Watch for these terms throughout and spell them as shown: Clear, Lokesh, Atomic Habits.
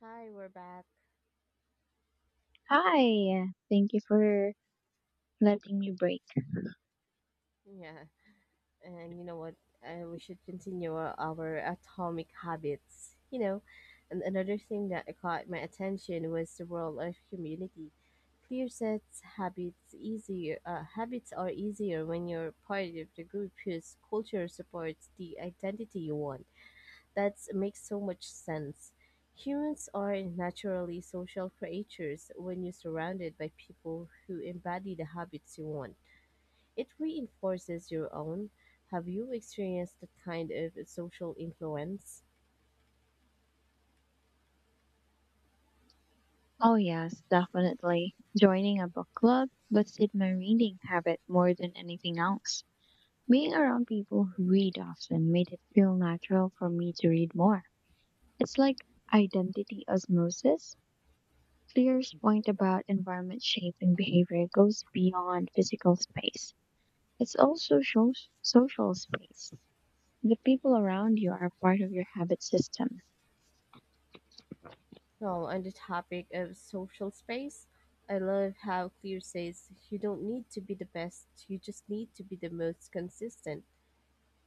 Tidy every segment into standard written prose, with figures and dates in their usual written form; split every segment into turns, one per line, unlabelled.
Hi, we're back.
Hi, thank you for letting me break.
Yeah, and you know what? We should continue our atomic habits. And another thing that caught my attention was the role of community. Clear sets habits easier. Habits are easier when you're part of the group whose culture supports the identity you want. That makes so much sense. Humans are naturally social creatures when you're surrounded by people who embody the habits you want. It reinforces your own. Have you experienced that kind of social influence?
Oh, yes, definitely. Joining a book club boosted my reading habit more than anything else. Being around people who read often made it feel natural for me to read more. It's like identity osmosis. Clear's point about environment shaping behavior goes beyond physical space. It's also social, social space. The people around you are part of your habit system.
Well, on the topic of social space, I love how Clear says you don't need to be the best, you just need to be the most consistent.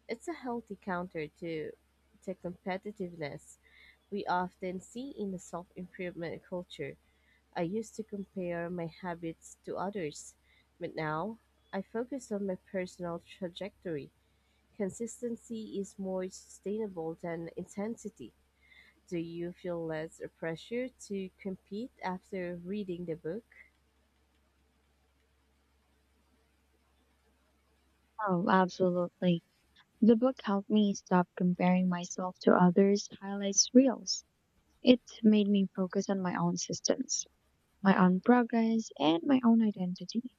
It's a healthy counter to competitiveness we often see in the self improvement culture. I used to compare my habits to others, but now I focus on my personal trajectory. Consistency is more sustainable than intensity. Do you feel less pressure to compete after reading the book?
Oh, absolutely. The book helped me stop comparing myself to others' highlights reels. It made me focus on my own systems, my own progress, and my own identity.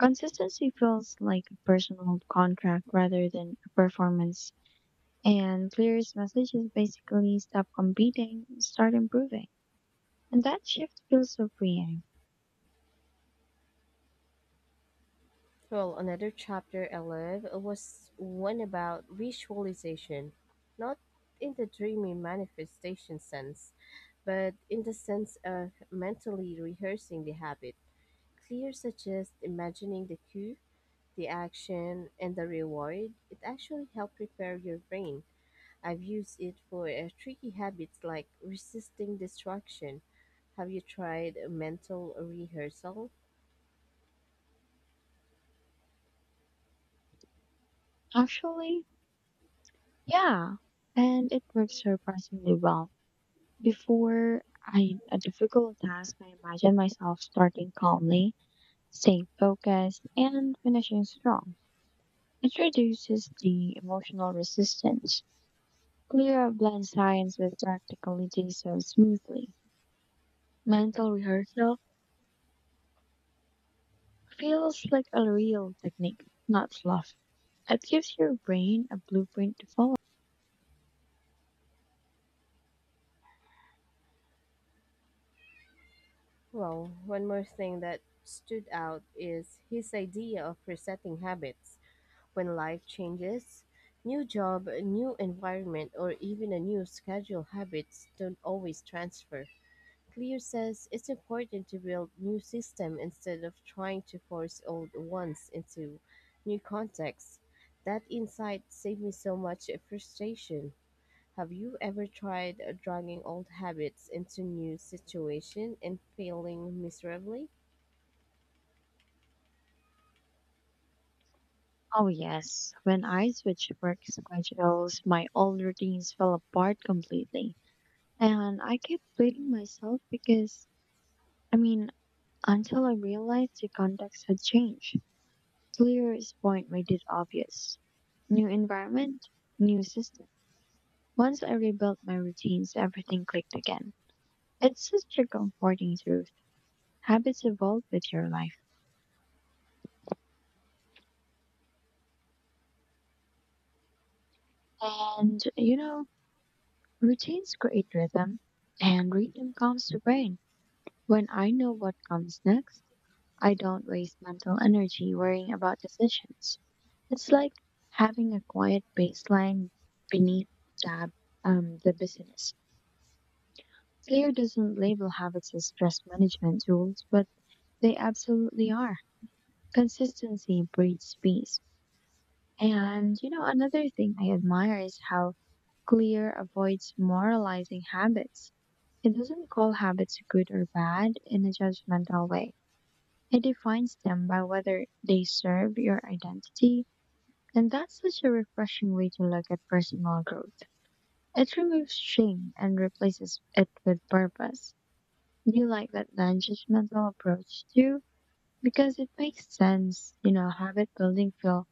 Consistency feels like a personal contract rather than a performance. And Clear's message is basically stop competing, start improving. And that shift feels so freeing.
Well, another chapter I love was one about visualization, not in the dreamy manifestation sense, but in the sense of mentally rehearsing the habit. Clear suggests imagining the cue, the action, and the reward. It actually helps prepare your brain. I've used it for tricky habits like resisting distraction. Have you tried a mental rehearsal?
Actually, yeah. And it works surprisingly well. Before I, a difficult task, I imagine myself starting calmly, staying focused, and finishing strong. It reduces the emotional resistance. Clear blends science with practicality so smoothly. Mental rehearsal feels like a real technique, not fluff. It gives your brain a blueprint to follow.
Well, one more thing that stood out is his idea of resetting habits when life changes. New job, a new environment, or even a new schedule, habits don't always transfer. Clear says it's important to build new systems instead of trying to force old ones into new contexts. That insight saved me so much frustration. Have you ever tried dragging old habits into new situation and failing miserably?
Oh, yes. When I switched work schedules, my old routines fell apart completely. And I kept blaming myself because, I mean, until I realized the context had changed. Clear's point made it obvious. New environment, new system. Once I rebuilt my routines, everything clicked again. It's such a comforting truth. Habits evolve with your life. And, you know, routines create rhythm, and rhythm calms the brain. When I know what comes next, I don't waste mental energy worrying about decisions. It's like having a quiet baseline beneath tab, the business. Clear doesn't label habits as stress management tools, but they absolutely are. Consistency breeds peace. And, you know, another thing I admire is how Clear avoids moralizing habits. It doesn't call habits good or bad in a judgmental way. It defines them by whether they serve your identity, and that's such a refreshing way to look at personal growth. It removes shame and replaces it with purpose. Do you like that non-judgmental approach too? Because it makes sense, you know, habit building feel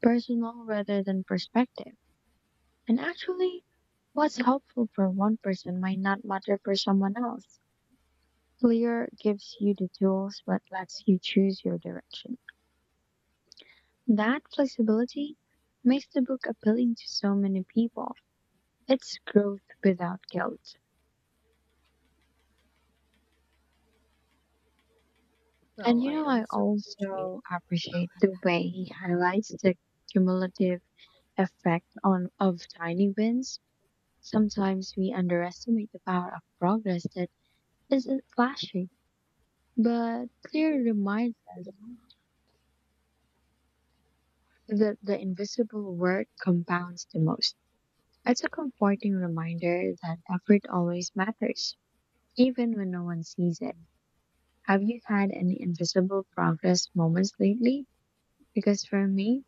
personal rather than perspective. And actually, what's helpful for one person might not matter for someone else. Clear gives you the tools but lets you choose your direction. That flexibility makes the book appealing to so many people. It's growth without guilt. And
Well,
you
I
know, I
also appreciate
also appreciate the way he highlights the cumulative effect on of tiny wins. Sometimes we underestimate the power of progress that isn't flashy, but clear reminds us that the invisible work compounds the most. It's a comforting reminder that effort always matters, even when no one sees it. Have you had any invisible progress moments lately? Because for me,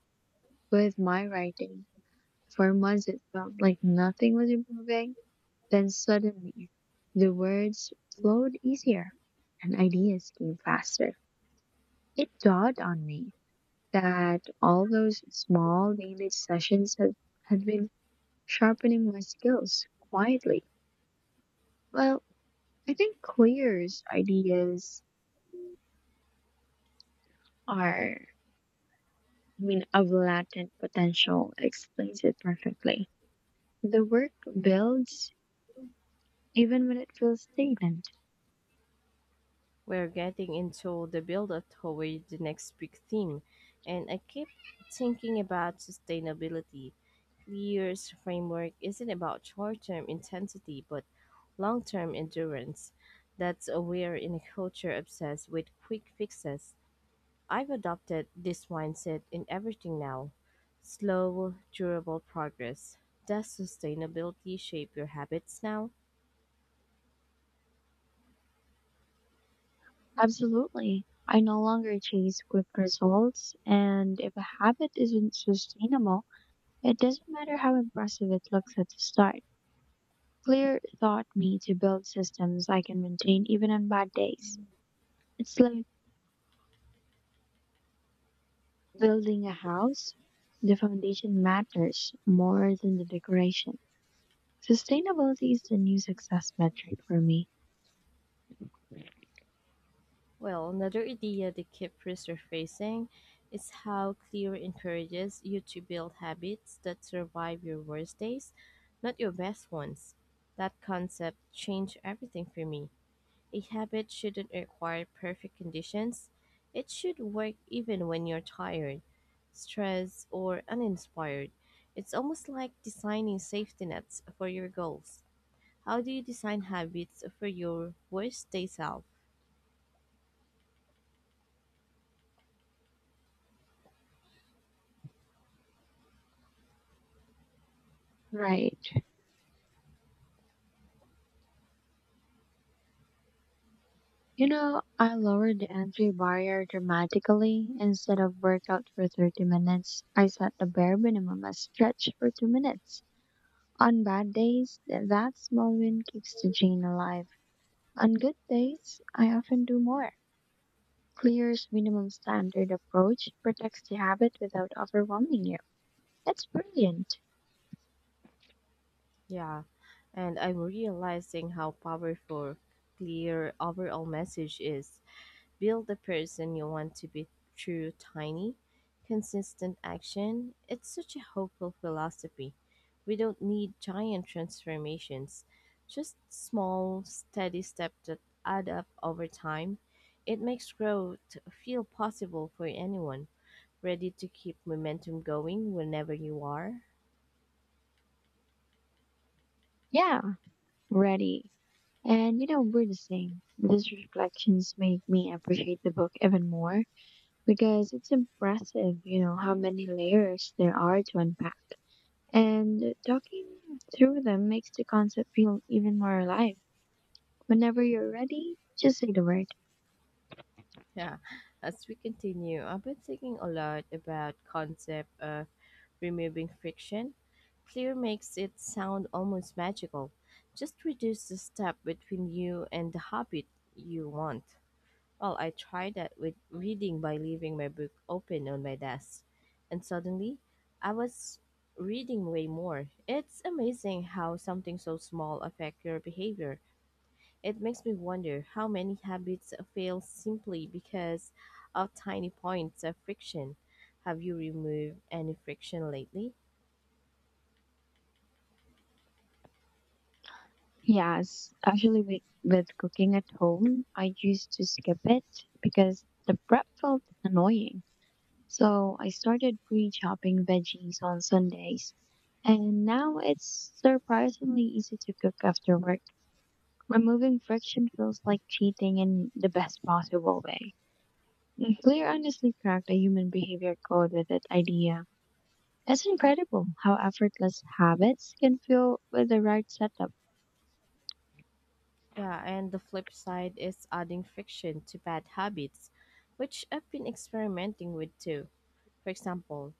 with my writing, for months it felt like nothing was improving. Then suddenly, the words flowed easier and ideas came faster. It dawned on me that all those small daily sessions had been sharpening my skills quietly. Well, I think Clear's ideas are I mean, of latent potential explains it perfectly. The work builds even when it feels stagnant.
we're getting into the build up toward the next big theme, and I keep thinking about sustainability. Weir's framework isn't about short-term intensity but long-term endurance. That's a wear in a culture obsessed with quick fixes. I've adopted this mindset in everything now. Slow, durable progress. Does sustainability shape your habits now?
Absolutely. I no longer chase quick results, and if a habit isn't sustainable, it doesn't matter how impressive it looks at the start. Clear taught me to build systems I can maintain even on bad days. It's like building a house. The foundation matters more than the decoration. Sustainability is the new success metric for me.
Well, another idea they keep resurfacing is how Clear encourages you to build habits that survive your worst days, not your best ones. That concept changed everything for me. A habit shouldn't require perfect conditions, it should work even when you're tired, stressed, or uninspired. It's almost like designing safety nets for your goals. How do you design habits for your worst day self?
Right. You know, I lowered the entry barrier dramatically. Instead of workout for 30 minutes, I set the bare minimum as stretch for 2 minutes. On bad days, that small win keeps the gene alive. On good days, I often do more. Clear's minimum standard approach protects the habit without overwhelming you. That's brilliant.
Yeah, and I'm realizing how powerful clear overall message is. Build the person you want to be through tiny, consistent action. It's such a hopeful philosophy. We don't need giant transformations, just small, steady steps that add up over time. It makes growth feel possible for anyone, ready to keep momentum going whenever you are.
Yeah, ready. And you know, we're the same. These reflections made me appreciate the book even more, because it's impressive, you know, how many layers there are to unpack. And talking through them makes the concept feel even more alive. Whenever you're ready, just say the word.
Yeah, as we continue, I've been thinking a lot about concept of removing friction. Clear makes it sound almost magical. Just reduce the step between you and the habit you want. Well, I tried that with reading by leaving my book open on my desk, and suddenly I was reading way more. It's amazing how something so small affect your behavior. It makes me wonder how many habits fail simply because of tiny points of friction. Have you removed any friction lately?
Yes, actually, with cooking at home, I used to skip it because the prep felt annoying. So I started pre chopping veggies on Sundays. And now it's surprisingly easy to cook after work. Removing friction feels like cheating in the best possible way. And Clear honestly cracked a human behavior code with that idea. It's incredible how effortless habits can feel with the right setup.
Yeah, and the flip side is adding friction to bad habits, which I've been experimenting with too. For example,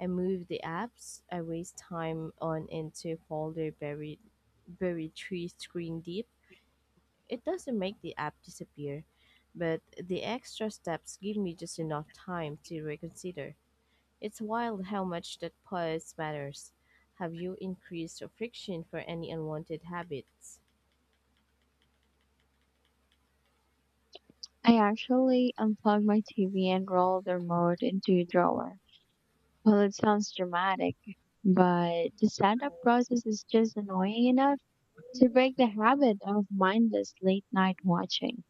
I move the apps I waste time on into a folder buried three screen deep. It doesn't make the app disappear, but the extra steps give me just enough time to reconsider. It's wild how much that pause matters. Have you increased friction for any unwanted habits?
I actually unplugged my TV and rolled the remote into a drawer. Well, it sounds dramatic, but the setup process is just annoying enough to break the habit of mindless late night watching.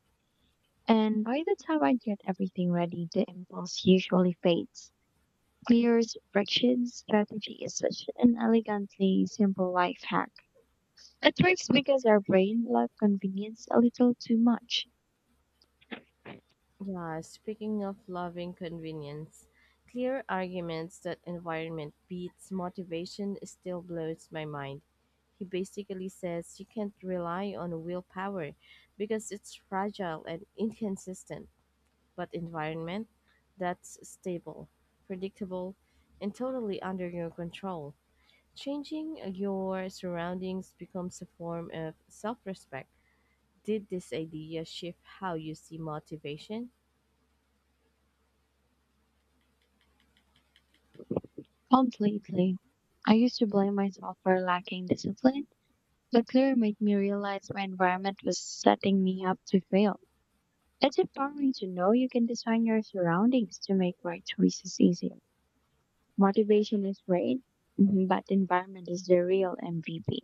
And by the time I get everything ready, the impulse usually fades. Clear's friction strategy is such an elegantly simple life hack. It works because our brain loves convenience a little too much.
Yeah, speaking of loving convenience, clear arguments that environment beats motivation still blows my mind. He basically says you can't rely on willpower because it's fragile and inconsistent, but environment, that's stable, predictable, and totally under your control. Changing your surroundings becomes a form of self respect. Did this idea shift how you see motivation?
Completely. I used to blame myself for lacking discipline, but Clear made me realize my environment was setting me up to fail. It's empowering to know you can design your surroundings to make right choices easier. Motivation is great, mhm, but environment is the real MVP.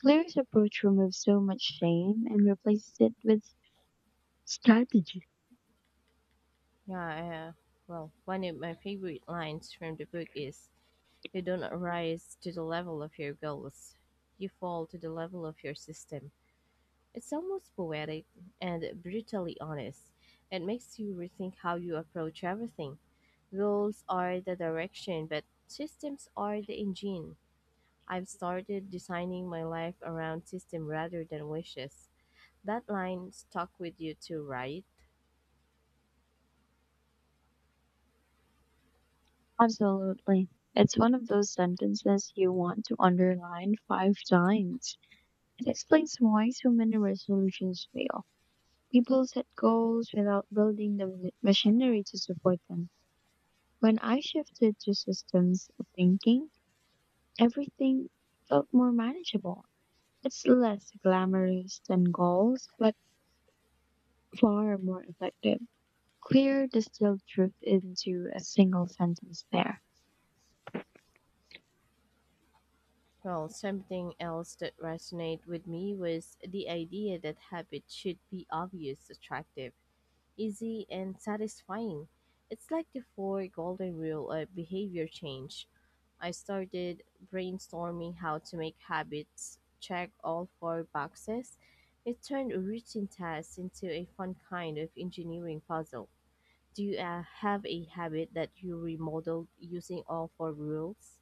Clear's approach removes so much shame and replaces it with strategy.
Yeah, uh, well, one of my favorite lines from the book is, "You don't rise to the level of your goals, you fall to the level of your system." It's almost poetic and brutally honest. It makes you rethink how you approach everything. Goals are the direction, but systems are the engine. I've started designing my life around system rather than wishes. That line stuck with you too, right?
Absolutely. It's one of those sentences you want to underline 5 times. It explains why so many resolutions fail. People set goals without building the machinery to support them. When I shifted to systems of thinking, everything felt more manageable. It's less glamorous than goals, but far more effective. Clear distilled truth into a single sentence there.
Well, something else that resonated with me was the idea that habit should be obvious, attractive, easy, and satisfying. It's like the four golden rule of behavior change. I started brainstorming how to make habits check all four boxes. It turned a routine task into a fun kind of engineering puzzle. Do you have a habit that you remodeled using all four rules?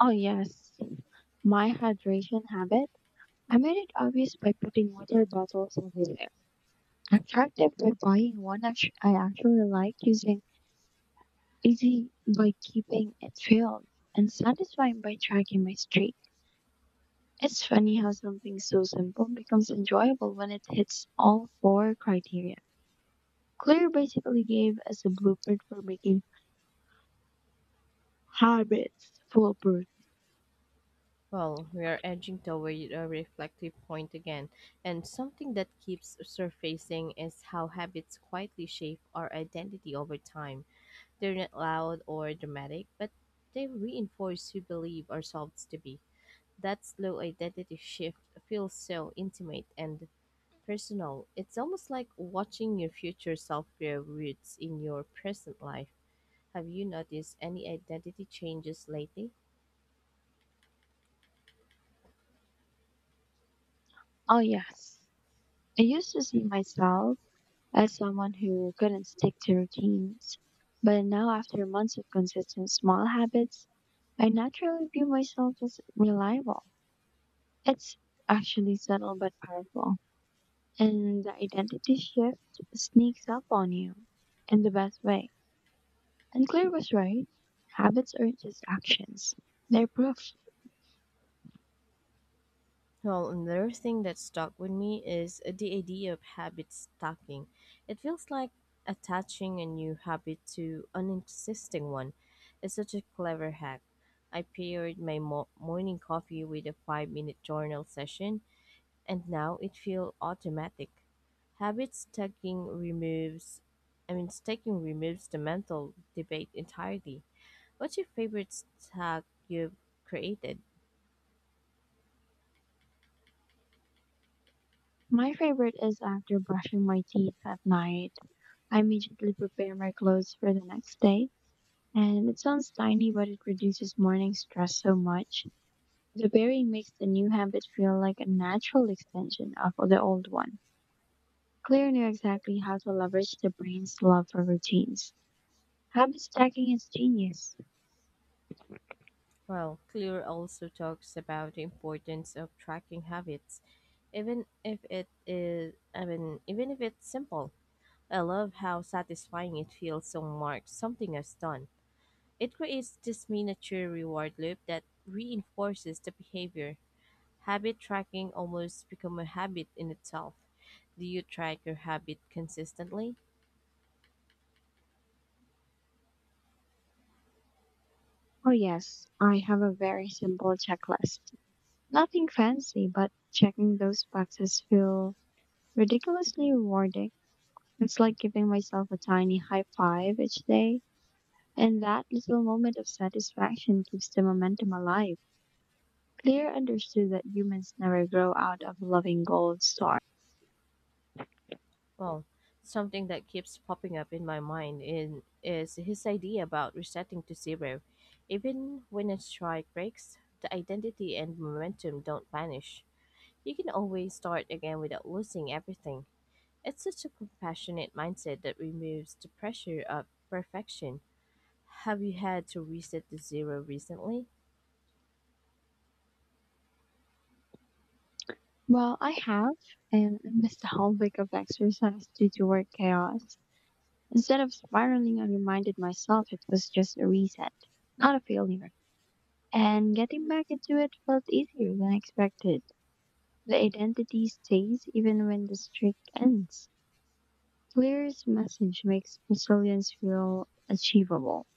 Oh, yes. My hydration habit. I made it obvious by putting water bottles everywhere. I tracked it by buying I actually like using, easy by keeping it filled, and satisfying by tracking my streak. It's funny how something so simple becomes enjoyable when it hits all four criteria. Claire basically gave us a blueprint for making habits foolproof.
Well, we are edging toward a reflective point again, and something that keeps surfacing is how habits quietly shape our identity over time. They're not loud or dramatic, but they reinforce who believe ourselves to be. That slow identity shift feels so intimate and personal. It's almost like watching your future self grow roots in your present life. Have you noticed any identity changes lately?
Oh, yes. I used to see myself as someone who couldn't stick to routines, but now, after months of consistent small habits, I naturally view myself as reliable. It's actually subtle but powerful, and the identity shift sneaks up on you in the best way. And Claire was right. Habits are just actions. They're proof.
Well, another thing that stuck with me is the idea of habit stacking. It feels like attaching a new habit to an existing one. It's such a clever hack. I paired my morning coffee with a 5-minute journal session, and now it feels automatic. Habit stacking removes, I mean, stacking removes the mental debate entirely. What's your favorite stack you've created?
My favorite is after brushing my teeth at night, I immediately prepare my clothes for the next day. And it sounds tiny, but it reduces morning stress so much. The pairing makes the new habit feel like a natural extension of the old one. Claire knew exactly how to leverage the brain's love for routines. Habit stacking is genius.
Well, Clear also talks about the importance of tracking habits, even if it's simple. I love how satisfying it feels to mark something as done. It creates this miniature reward loop that reinforces the behavior. Habit tracking almost become a habit in itself. Do you track your habit consistently?
Oh, yes, I have a very simple checklist. Nothing fancy, but checking those boxes feel ridiculously rewarding. It's like giving myself a tiny high five each day, and that little moment of satisfaction keeps the momentum alive. Clear understood that humans never grow out of loving gold star.
Well, something that keeps popping up in my mind is his idea about resetting to zero. Even when a strike breaks, the identity and momentum don't vanish. You can always start again without losing everything. It's such a compassionate mindset that removes the pressure of perfection. Have you had to reset to zero recently?
Well, I have, and I missed a whole week of exercise due to work chaos. Instead of spiraling, I reminded myself it was just a reset, not a failure. And getting back into it felt easier than expected. The identity stays even when the streak ends. Clear's message makes resilience feel achievable.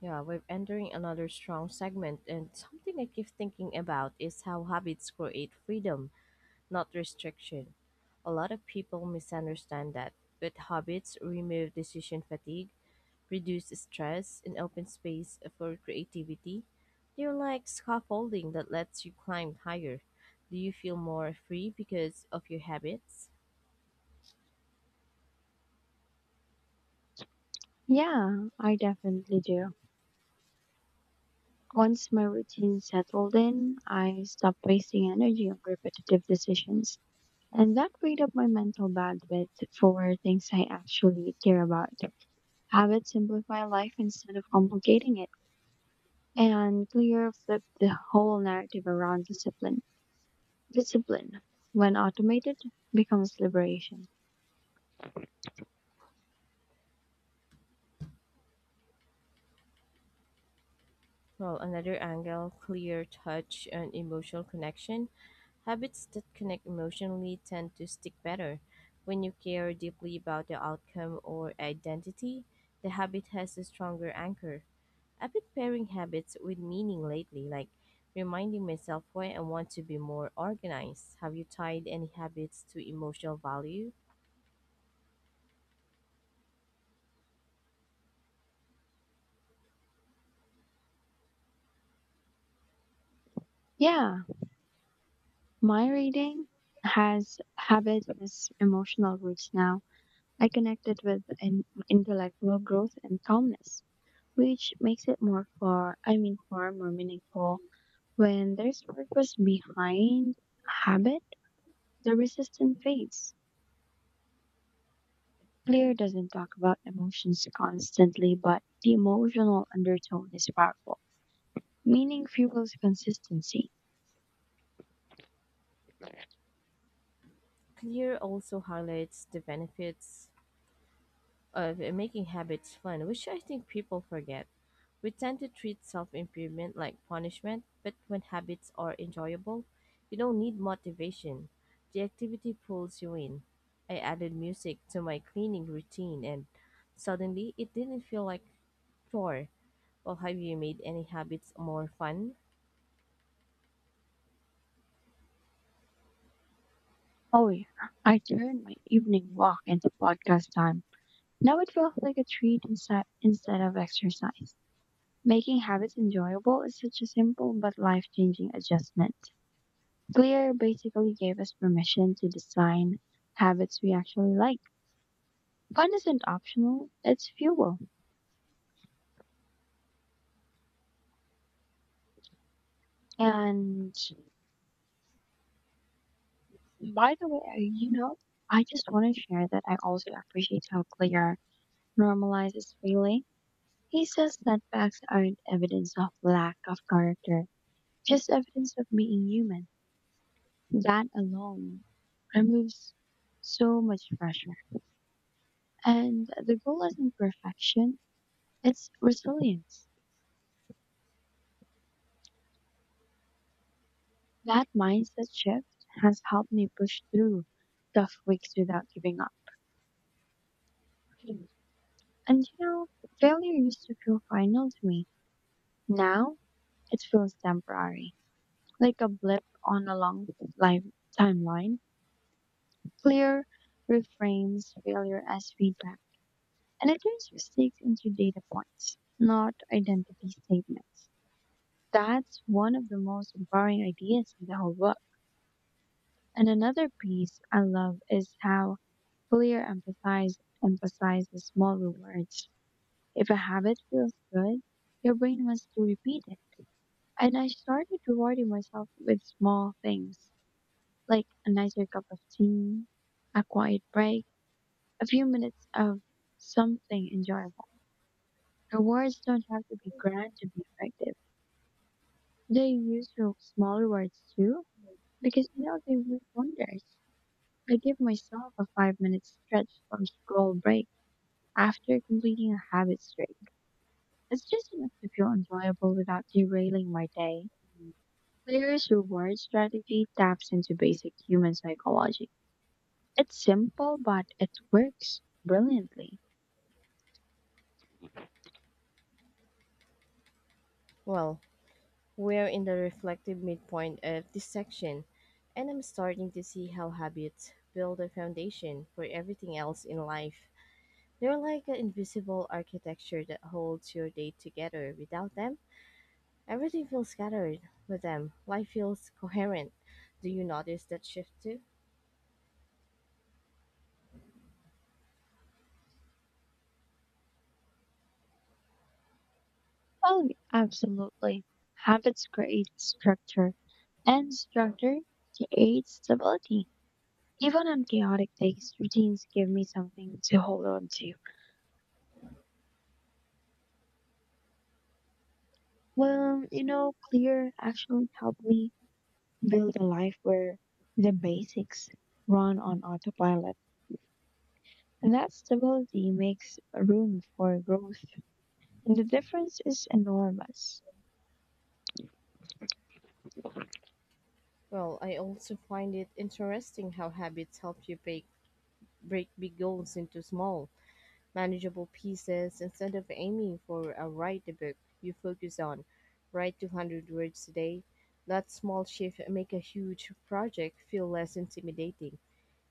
Yeah, we're entering another strong segment, and something I keep thinking about is how habits create freedom, not restriction. A lot of people misunderstand that, but habits remove decision fatigue, reduce stress, and open space for creativity. They're like scaffolding that lets you climb higher. Do you feel more free because of your habits?
Yeah, I definitely do. Once my routine settled in, I stopped wasting energy on repetitive decisions. And that freed up my mental bandwidth for things I actually care about. Habits simplify life instead of complicating it. And Clear flipped the whole narrative around discipline. Discipline, when automated, becomes liberation.
Well, another angle clear touch and emotional connection. Habits that connect emotionally tend to stick better. When you care deeply about the outcome or identity, the habit has a stronger anchor. I've been pairing habits with meaning lately, like reminding myself why I want to be more organized. Have you tied any habits to emotional value?
Yeah, my reading has habit as emotional roots now. I connect it with an intellectual growth and calmness, which makes it more far, I mean, far more meaningful. When there's purpose behind habit, the resistance fades. Clear doesn't talk about emotions constantly, but the emotional undertone is powerful. Meaning fuels consistency.
Clear also highlights the benefits of making habits fun, which I think people forget. We tend to treat self improvement like punishment, but when habits are enjoyable, you don't need motivation. The activity pulls you in. I added music to my cleaning routine, and suddenly it didn't feel like chore. Well, have you made any habits more fun?
Oh, yeah. I turned my evening walk into podcast time. Now it feels like a treat instead of exercise. Making habits enjoyable is such a simple but life-changing adjustment. Clear basically gave us permission to design habits we actually like. Fun isn't optional, it's fuel. And by the way, I just want to share that I also appreciate how Clear normalizes failing. He says setbacks aren't evidence of lack of character. Just evidence of being human. That alone removes so much pressure. And the goal isn't perfection, it's resilience. That mindset shift has helped me push through tough weeks without giving up. Mm. And you know, failure used to feel final to me. Now it feels temporary, like a blip on a long life timeline. Clear reframes failure as feedback. And it turns mistakes into data points, not identity statements. That's one of the most empowering ideas in the whole book. And another piece I love is how clear emphasizes small rewards. If a habit feels good, your brain wants to repeat it. And I started rewarding myself with small things, like a nicer cup of tea, a quiet break, a few minutes of something enjoyable. Rewards don't have to be grand to be effective. They use your small rewards too, because you know they work wonders. I give myself a 5-minute stretch or scroll break after completing a habit streak. It's just enough to feel enjoyable without derailing my day. Player's reward strategy taps into basic human psychology. It's simple, but it works brilliantly.
Well, we're in the reflective midpoint of this section, and I'm starting to see how habits build a foundation for everything else in life. They're like an invisible architecture that holds your day together. Without them, everything feels scattered. With them, life feels coherent. Do you notice that shift too?
Oh, yeah, absolutely. Habits create structure. And structure creates stability. Even on chaotic days, routines give me something to hold on to. Well, you know, clear actually helped me build a life where the basics run on autopilot. And that stability makes room for growth. And the difference is enormous.
Well, I also find it interesting how habits help you break big goals into small manageable pieces. Instead of aiming for a write a book, you focus on write 200 words a day. That small shift make a huge project feel less intimidating.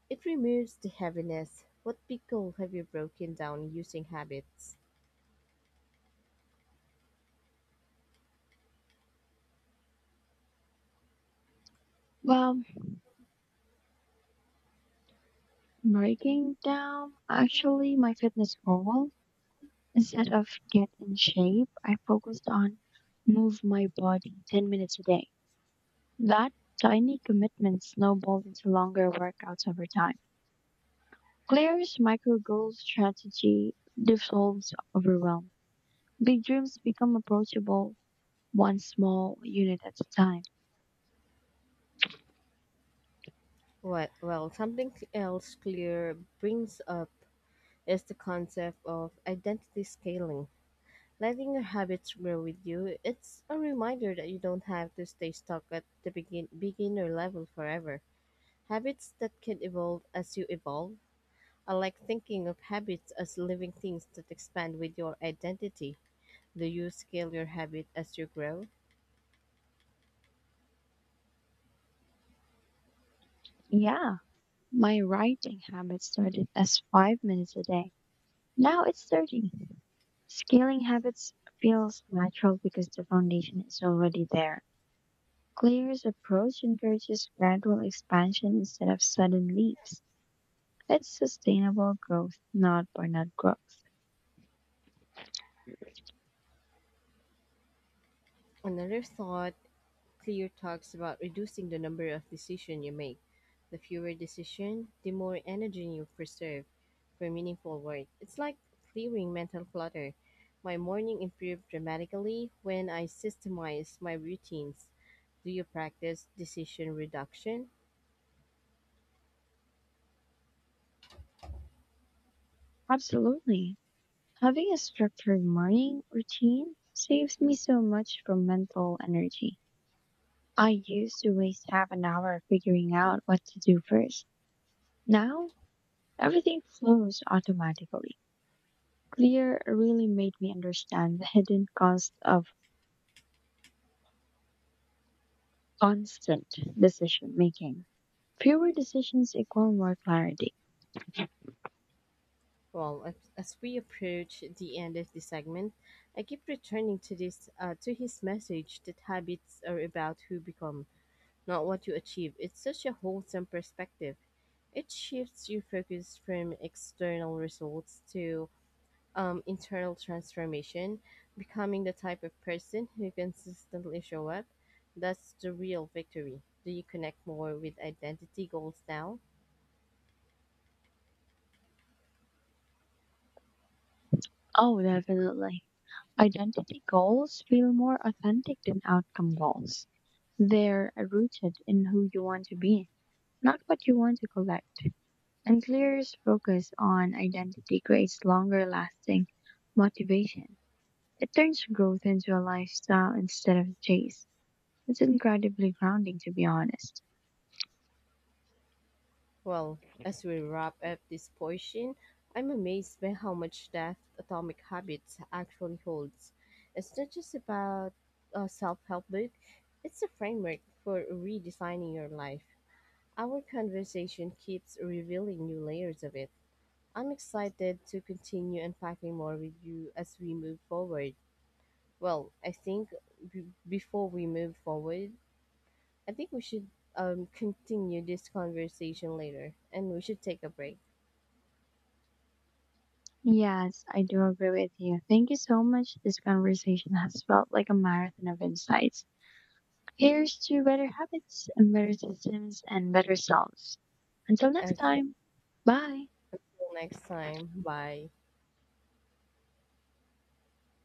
It removes the heaviness. What pickle have you broken down using habits?
Well, breaking down actually my fitness goal, instead of get in shape, I focused on move my body 10 minutes a day. That tiny commitment snowballed into longer workouts over time. Claire's micro goal strategy dissolves overwhelm. Big dreams become approachable one small unit at a time.
What well something else clear brings up is the concept of identity scaling, letting your habits grow with you. It's a reminder that you don't have to stay stuck at the beginner level forever. Habits that can evolve as you evolve. I like thinking of habits as living things that expand with your identity. Do you scale your habit as you grow?
Yeah, my writing habit started as 5 minutes a day. Now it's 30. Scaling habits feels natural because the foundation is already there. Claire's approach encourages gradual expansion instead of sudden leaps. It's sustainable growth, not burnout growth.
Another thought, Clear talks about reducing the number of decisions you make. The fewer decisions, the more energy you preserve for meaningful work. It's like clearing mental clutter. My morning improved dramatically when I systemized my routines. Do you practice decision reduction?
Absolutely. Having a structured morning routine saves me so much from mental energy. I used to waste half an hour figuring out what to do first. Now, everything flows automatically. Clear really made me understand the hidden cost of constant decision making. Fewer decisions equal more clarity.
Well, as we approach the end of the segment, I keep returning to this, to his message that habits are about who become, not what you achieve. It's such a wholesome perspective. It shifts your focus from external results to internal transformation, becoming the type of person who consistently show up. That's the real victory. Do you connect more with identity goals now?
Oh, definitely. Identity goals feel more authentic than outcome goals. They're rooted in who you want to be, not what you want to collect. And Clear's focus on identity creates longer lasting motivation. It turns growth into a lifestyle instead of a chase. It's incredibly grounding, to be honest.
Well, as we wrap up this portion, I'm amazed by how much depth Atomic Habits actually holds. It's not just about a self help book, it's a framework for redesigning your life. Our conversation keeps revealing new layers of it. I'm excited to continue unpacking more with you as we move forward. Well, I think before we move forward, I think we should continue this conversation later and we should take a break.
Yes, I do agree with you. Thank you so much. This conversation has felt like a marathon of insights. Here's to better habits and better systems and better selves. Until next
Okay.
time, bye.
Until next time. Bye.